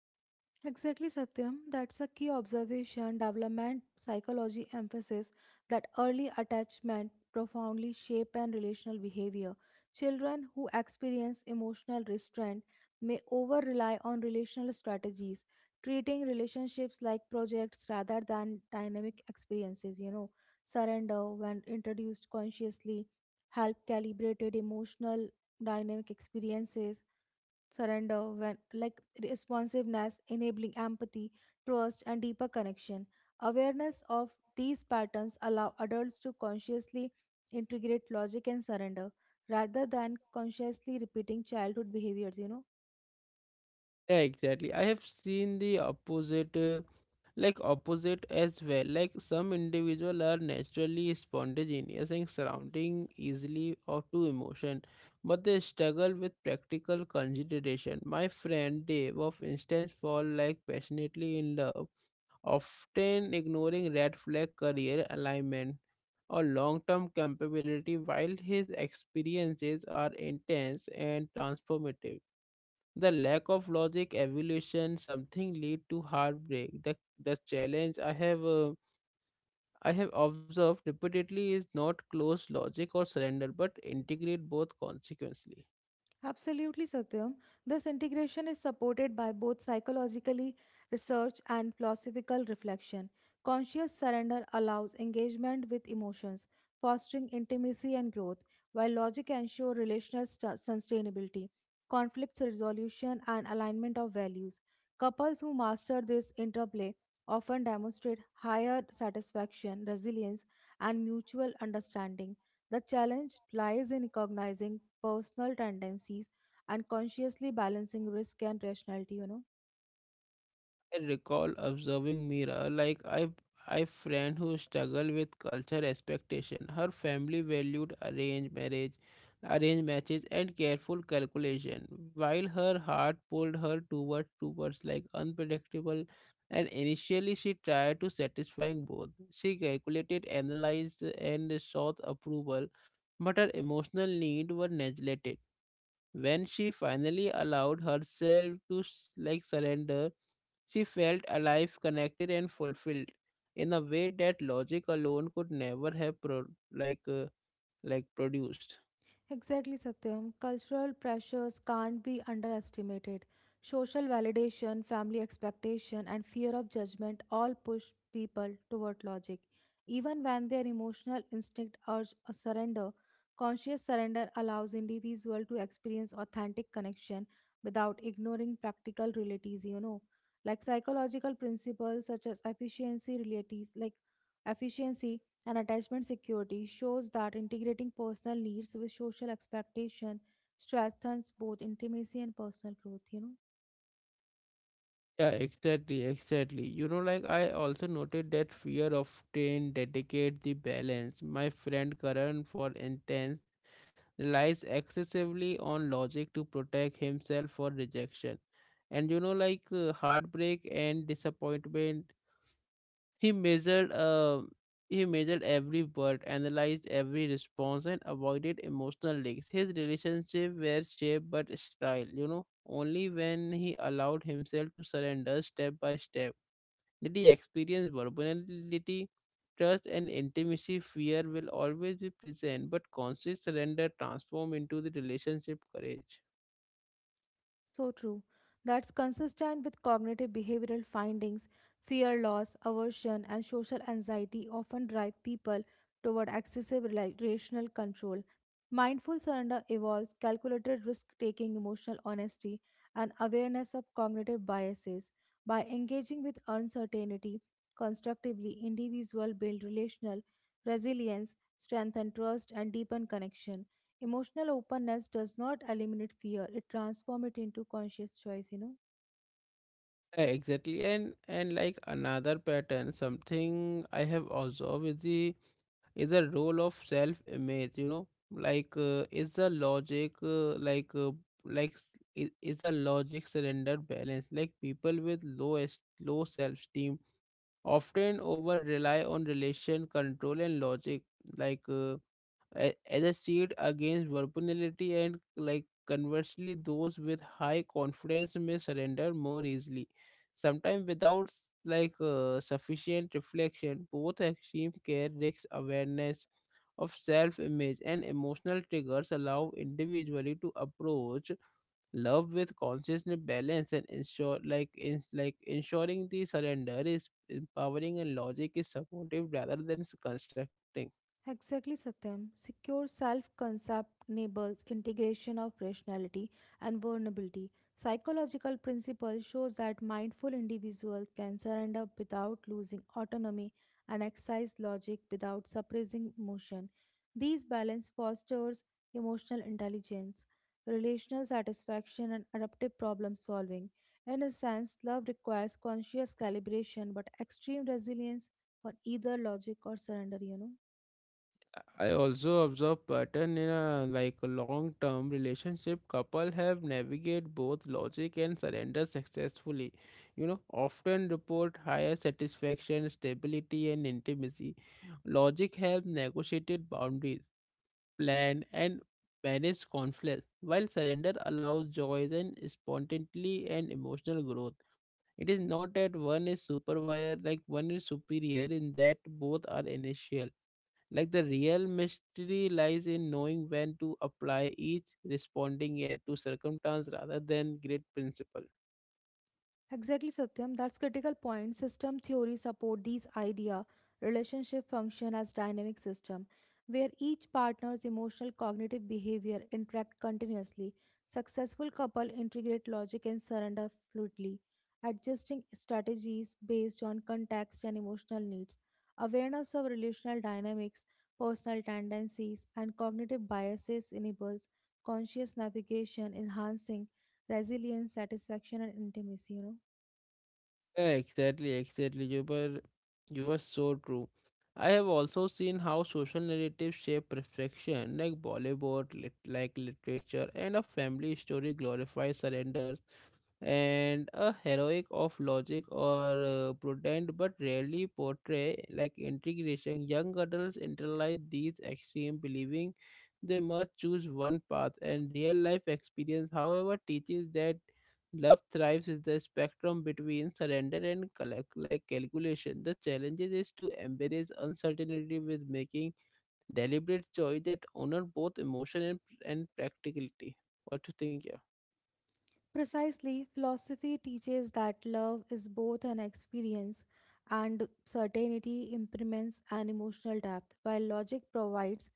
Exactly, Satyam. That's a key observation. Development psychology emphasis that early attachment profoundly shape and relational behavior. Children who experience emotional restraint may over rely on relational strategies, treating relationships like projects rather than dynamic experiences, you know. Surrender, when introduced consciously, help calibrated emotional dynamic experiences surrender when like responsiveness, enabling empathy, trust, and deeper connection. Awareness of these patterns allow adults to consciously integrate logic and surrender rather than consciously repeating childhood behaviors, you know.
Yeah, exactly. I have seen the opposite. Opposite as well. Like some individual are naturally spontaneous and surrounding easily or to emotion, but they struggle with practical consideration. My friend Dave of instance fall like passionately in love, often ignoring red flag, career alignment, or long-term capability. While his experiences are intense and transformative, the lack of logic, evolution, something lead to heartbreak. The challenge I have observed repeatedly is not close logic or surrender, but integrate both consequently.
Absolutely, Satyam. This integration is supported by both psychologically research and philosophical reflection. Conscious surrender allows engagement with emotions, fostering intimacy and growth, while logic ensures relational sustainability, conflict resolution, and alignment of values. Couples who master this interplay often demonstrate higher satisfaction, resilience, and mutual understanding. The challenge lies in recognizing personal tendencies and consciously balancing risk and rationality, you know.
I recall observing Mira like I friend who struggled with culture expectation. Her family valued arranged marriage, arranged matches, and careful calculation, while her heart pulled her towards like unpredictable, and initially she tried to satisfying both. She calculated, analyzed, and sought approval, but her emotional need were neglected. When she finally allowed herself to surrender, she felt alive, connected, and fulfilled in a way that logic alone could never have like uh, produced.
Exactly, Satyam. Cultural pressures can't be underestimated. Social validation, family expectation, and fear of judgment all push people toward logic. Even when their emotional instinct urge a surrender, conscious surrender allows individual to experience authentic connection without ignoring practical realities, you know. Like psychological principles such as efficiency realities, like efficiency, and attachment security shows that integrating personal needs with social expectation strengthens both intimacy and personal growth, you know.
Yeah, exactly, exactly. You know, like I also noted that fear often dedicate the balance. My friend Karan, for instance, relies excessively on logic to protect himself for rejection. And you know, like heartbreak and disappointment. He measured every word, analyzed every response, and avoided emotional leaks. His relationship were shaped but style, you know. Only when he allowed himself to surrender step by step did he experience vulnerability, trust, and intimacy. Fear will always be present, but conscious surrender transform into the relationship courage.
So true. That's consistent with cognitive behavioral findings. Fear loss, aversion, and social anxiety often drive people toward excessive relational control. Mindful surrender involves calculated risk taking, emotional honesty, and awareness of cognitive biases. By engaging with uncertainty constructively, individuals build relational resilience, strengthen trust, and deepen connection. Emotional openness does not eliminate fear, it transforms it into conscious choice, you know.
Yeah, exactly, and like another pattern, something I have observed is the is a role of self image, you know. Like is the logic like s- I- is the logic surrender balance. Like people with low self esteem often over rely on relation control and logic, like uh, a- as a shield against vulnerability. And like conversely, those with high confidence may surrender more easily, sometimes without sufficient reflection. Both extreme care risks. Awareness of self image and emotional triggers allow individually to approach love with consciousness balance and ensure like in, like ensuring the surrender is empowering and logic is supportive rather than constructing.
Exactly, Satyam. Secure self concept enables integration of rationality and vulnerability. Psychological principle shows that mindful individuals can surrender without losing autonomy and exercise logic without suppressing emotion. These balance fosters emotional intelligence, relational satisfaction, and adaptive problem solving. In a sense, love requires conscious calibration, but extreme resilience on either logic or surrender, you know.
I also observe pattern in a like a long-term relationship. Couple have navigate both logic and surrender successfully. You know, often report higher satisfaction, stability, and intimacy. Logic help negotiated boundaries, plan, and manage conflicts, while surrender allows joys and spontaneity and emotional growth. It is not that one is superior, in that both are initial. Like, the real mystery lies in knowing when to apply each, responding yet to circumstance rather than great principle.
Exactly, Satyam. That's critical point. System theory support these idea. Relationship function as dynamic system, where each partner's emotional, cognitive behavior interact continuously. Successful couple integrate logic and surrender fluidly, adjusting strategies based on context and emotional needs. Awareness of relational dynamics, personal tendencies, and cognitive biases enables conscious navigation, enhancing resilience, satisfaction, and intimacy, you know.
Yeah, exactly, exactly. You were so true. I have also seen how social narratives shape perfection, like Bollywood, literature, and a family story glorifies surrenders and a heroic of logic or prudent, but rarely portray like integration. Young adults internalize these extreme, believing they must choose one path, and real life experience, however, teaches that. Love thrives is the spectrum between surrender and collect, like calculation. The challenge is to embrace uncertainty with making deliberate choice that honor both emotion and practicality. What you think, yeah?
Precisely, philosophy teaches that love is both an experience and certainty impermanence and emotional depth, while logic provides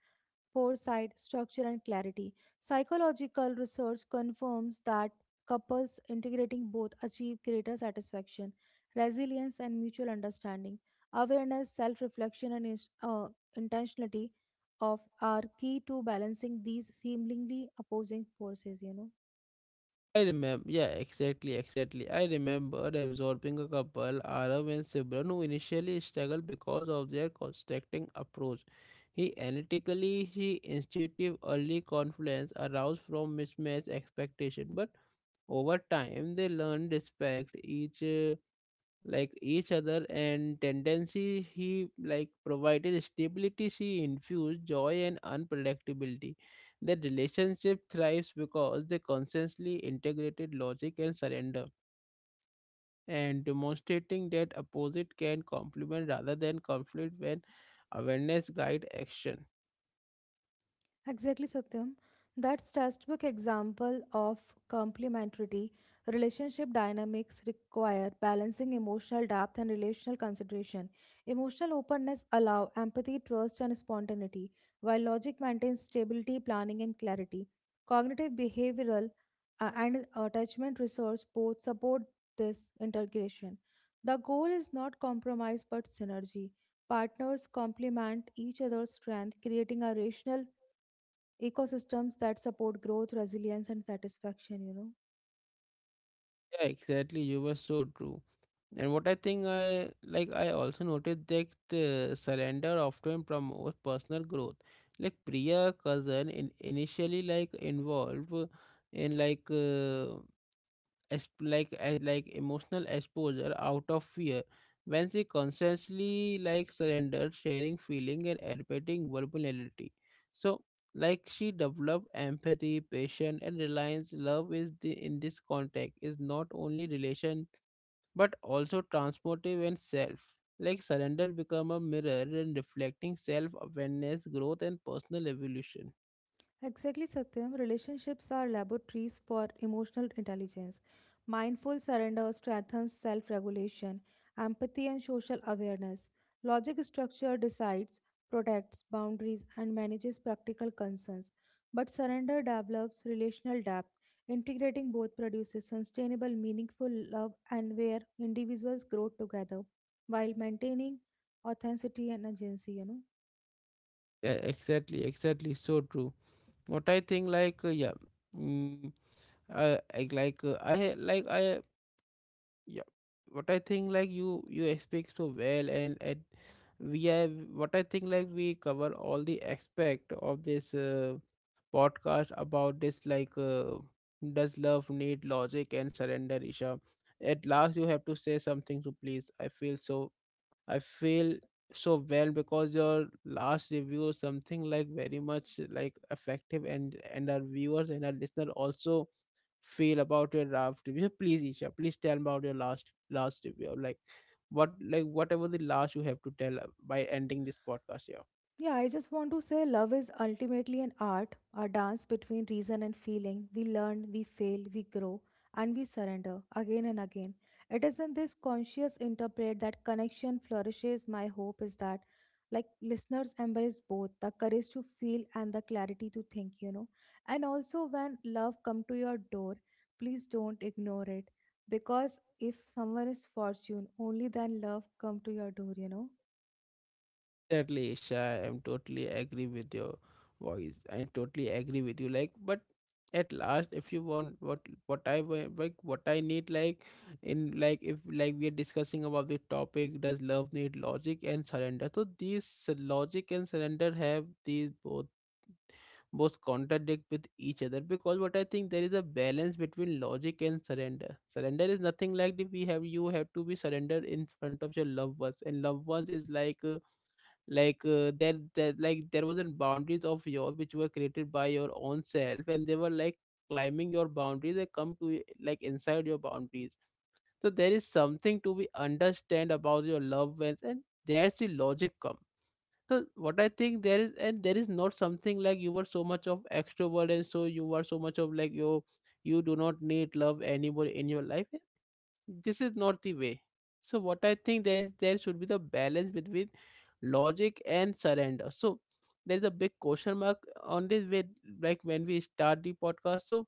foresight, structure, and clarity. Psychological research confirms that couples integrating both achieve greater satisfaction, resilience, and mutual understanding. Awareness, self reflection, and intentionality of are key to balancing these seemingly opposing forces, you know.
I remember, yeah, exactly, exactly. I remember absorbing a couple, Arav and Sibran, who initially struggled because of their constructing approach. He analytically, he intuitive, early confluence aroused from mismatched expectation, but over time, they learn respect each each other and tendency. He like provided stability. She infused joy and unpredictability. The relationship thrives because they constantly integrated logic and surrender, and demonstrating that opposite can complement rather than conflict when awareness guide action.
Exactly, Satyam. That's textbook example of complementarity. Relationship dynamics require balancing emotional depth and relational consideration. Emotional openness allow empathy, trust, and spontaneity, while logic maintains stability, planning, and clarity. Cognitive behavioral and attachment research both support this integration. The goal is not compromise but synergy. Partners complement each other's strength, creating a rational ecosystems that support growth resilience and satisfaction, you know.
Yeah, exactly. You were so true. And what I think I like, I also noticed that surrender often promotes personal growth. Like Priya cousin in, initially like involved in like as like as like emotional exposure out of fear. When she consciously like surrendered, sharing feeling and admitting vulnerability, so she developed empathy, patience, and reliance. Love is the, in this context, is not only relation but also transformative and self. Like surrender become a mirror and reflecting self-awareness, growth, and personal evolution.
Exactly, Satyam. Relationships are laboratories for emotional intelligence. Mindful surrender strengthens self regulation, empathy, and social awareness. Logic structure decides, protects boundaries, and manages practical concerns. But surrender develops relational depth. Integrating both produces sustainable, meaningful love and where individuals grow together while maintaining authenticity and agency, you know.
Yeah, exactly, exactly. So true. What I think like yeah. Mm, I like I like I yeah What I think, like, you speak so well, and we have, what I think, like, we cover all the aspect of this podcast about this, like, does love need logic and surrender, Isha? At last, you have to say something to, please, I feel so, I feel so well because your last review is something like very much like effective, and our viewers and our listener also feel about your last review. Please, Isha, please tell about your last last review. Like, what like whatever the last you have to tell by ending this podcast here.
Yeah, I just want to say love is ultimately an art, a dance between reason and feeling. We learn, we fail, we grow, and we surrender again and again. It is in this conscious interplay that connection flourishes. My hope is that, like, listeners embrace both the courage to feel and the clarity to think, you know. And also, when love come to your door, please don't ignore it because if someone is fortune, only then love come to your door, you know.
Certainly, Isha, I'm totally agree with your voice and totally agree with you. Like, but at last, if you want what I what I need, like in, like if, like we are discussing about the topic does love need logic and surrender, so these logic and surrender have these, both both contradict with each other, because what I think there is a balance between logic and surrender. Surrender is nothing like the we have, you have to be surrendered in front of your loved ones, and loved ones is like there there wasn't boundaries of your which were created by your own self, and they were like climbing your boundaries, they come to inside your boundaries. So there is something to be understand about your loved ones, and there's the logic comes. So what I think, there is, and there is not something like you were so much of extrovert and so you were so much of like you do not need love anymore in your life, eh, this is not the way. So what I think, there is, there should be the balance between logic and surrender. So there's a big question mark on this way, like when we start the podcast. So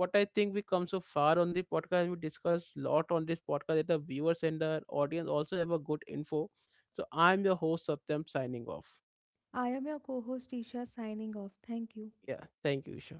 what I think, we come so far on the podcast, we discuss lot on this podcast, that the viewers and the audience also have a good info. So I'm your host, Satyam, signing off.
I am your co host Isha signing off. Thank you.
Yeah. Thank you, Isha.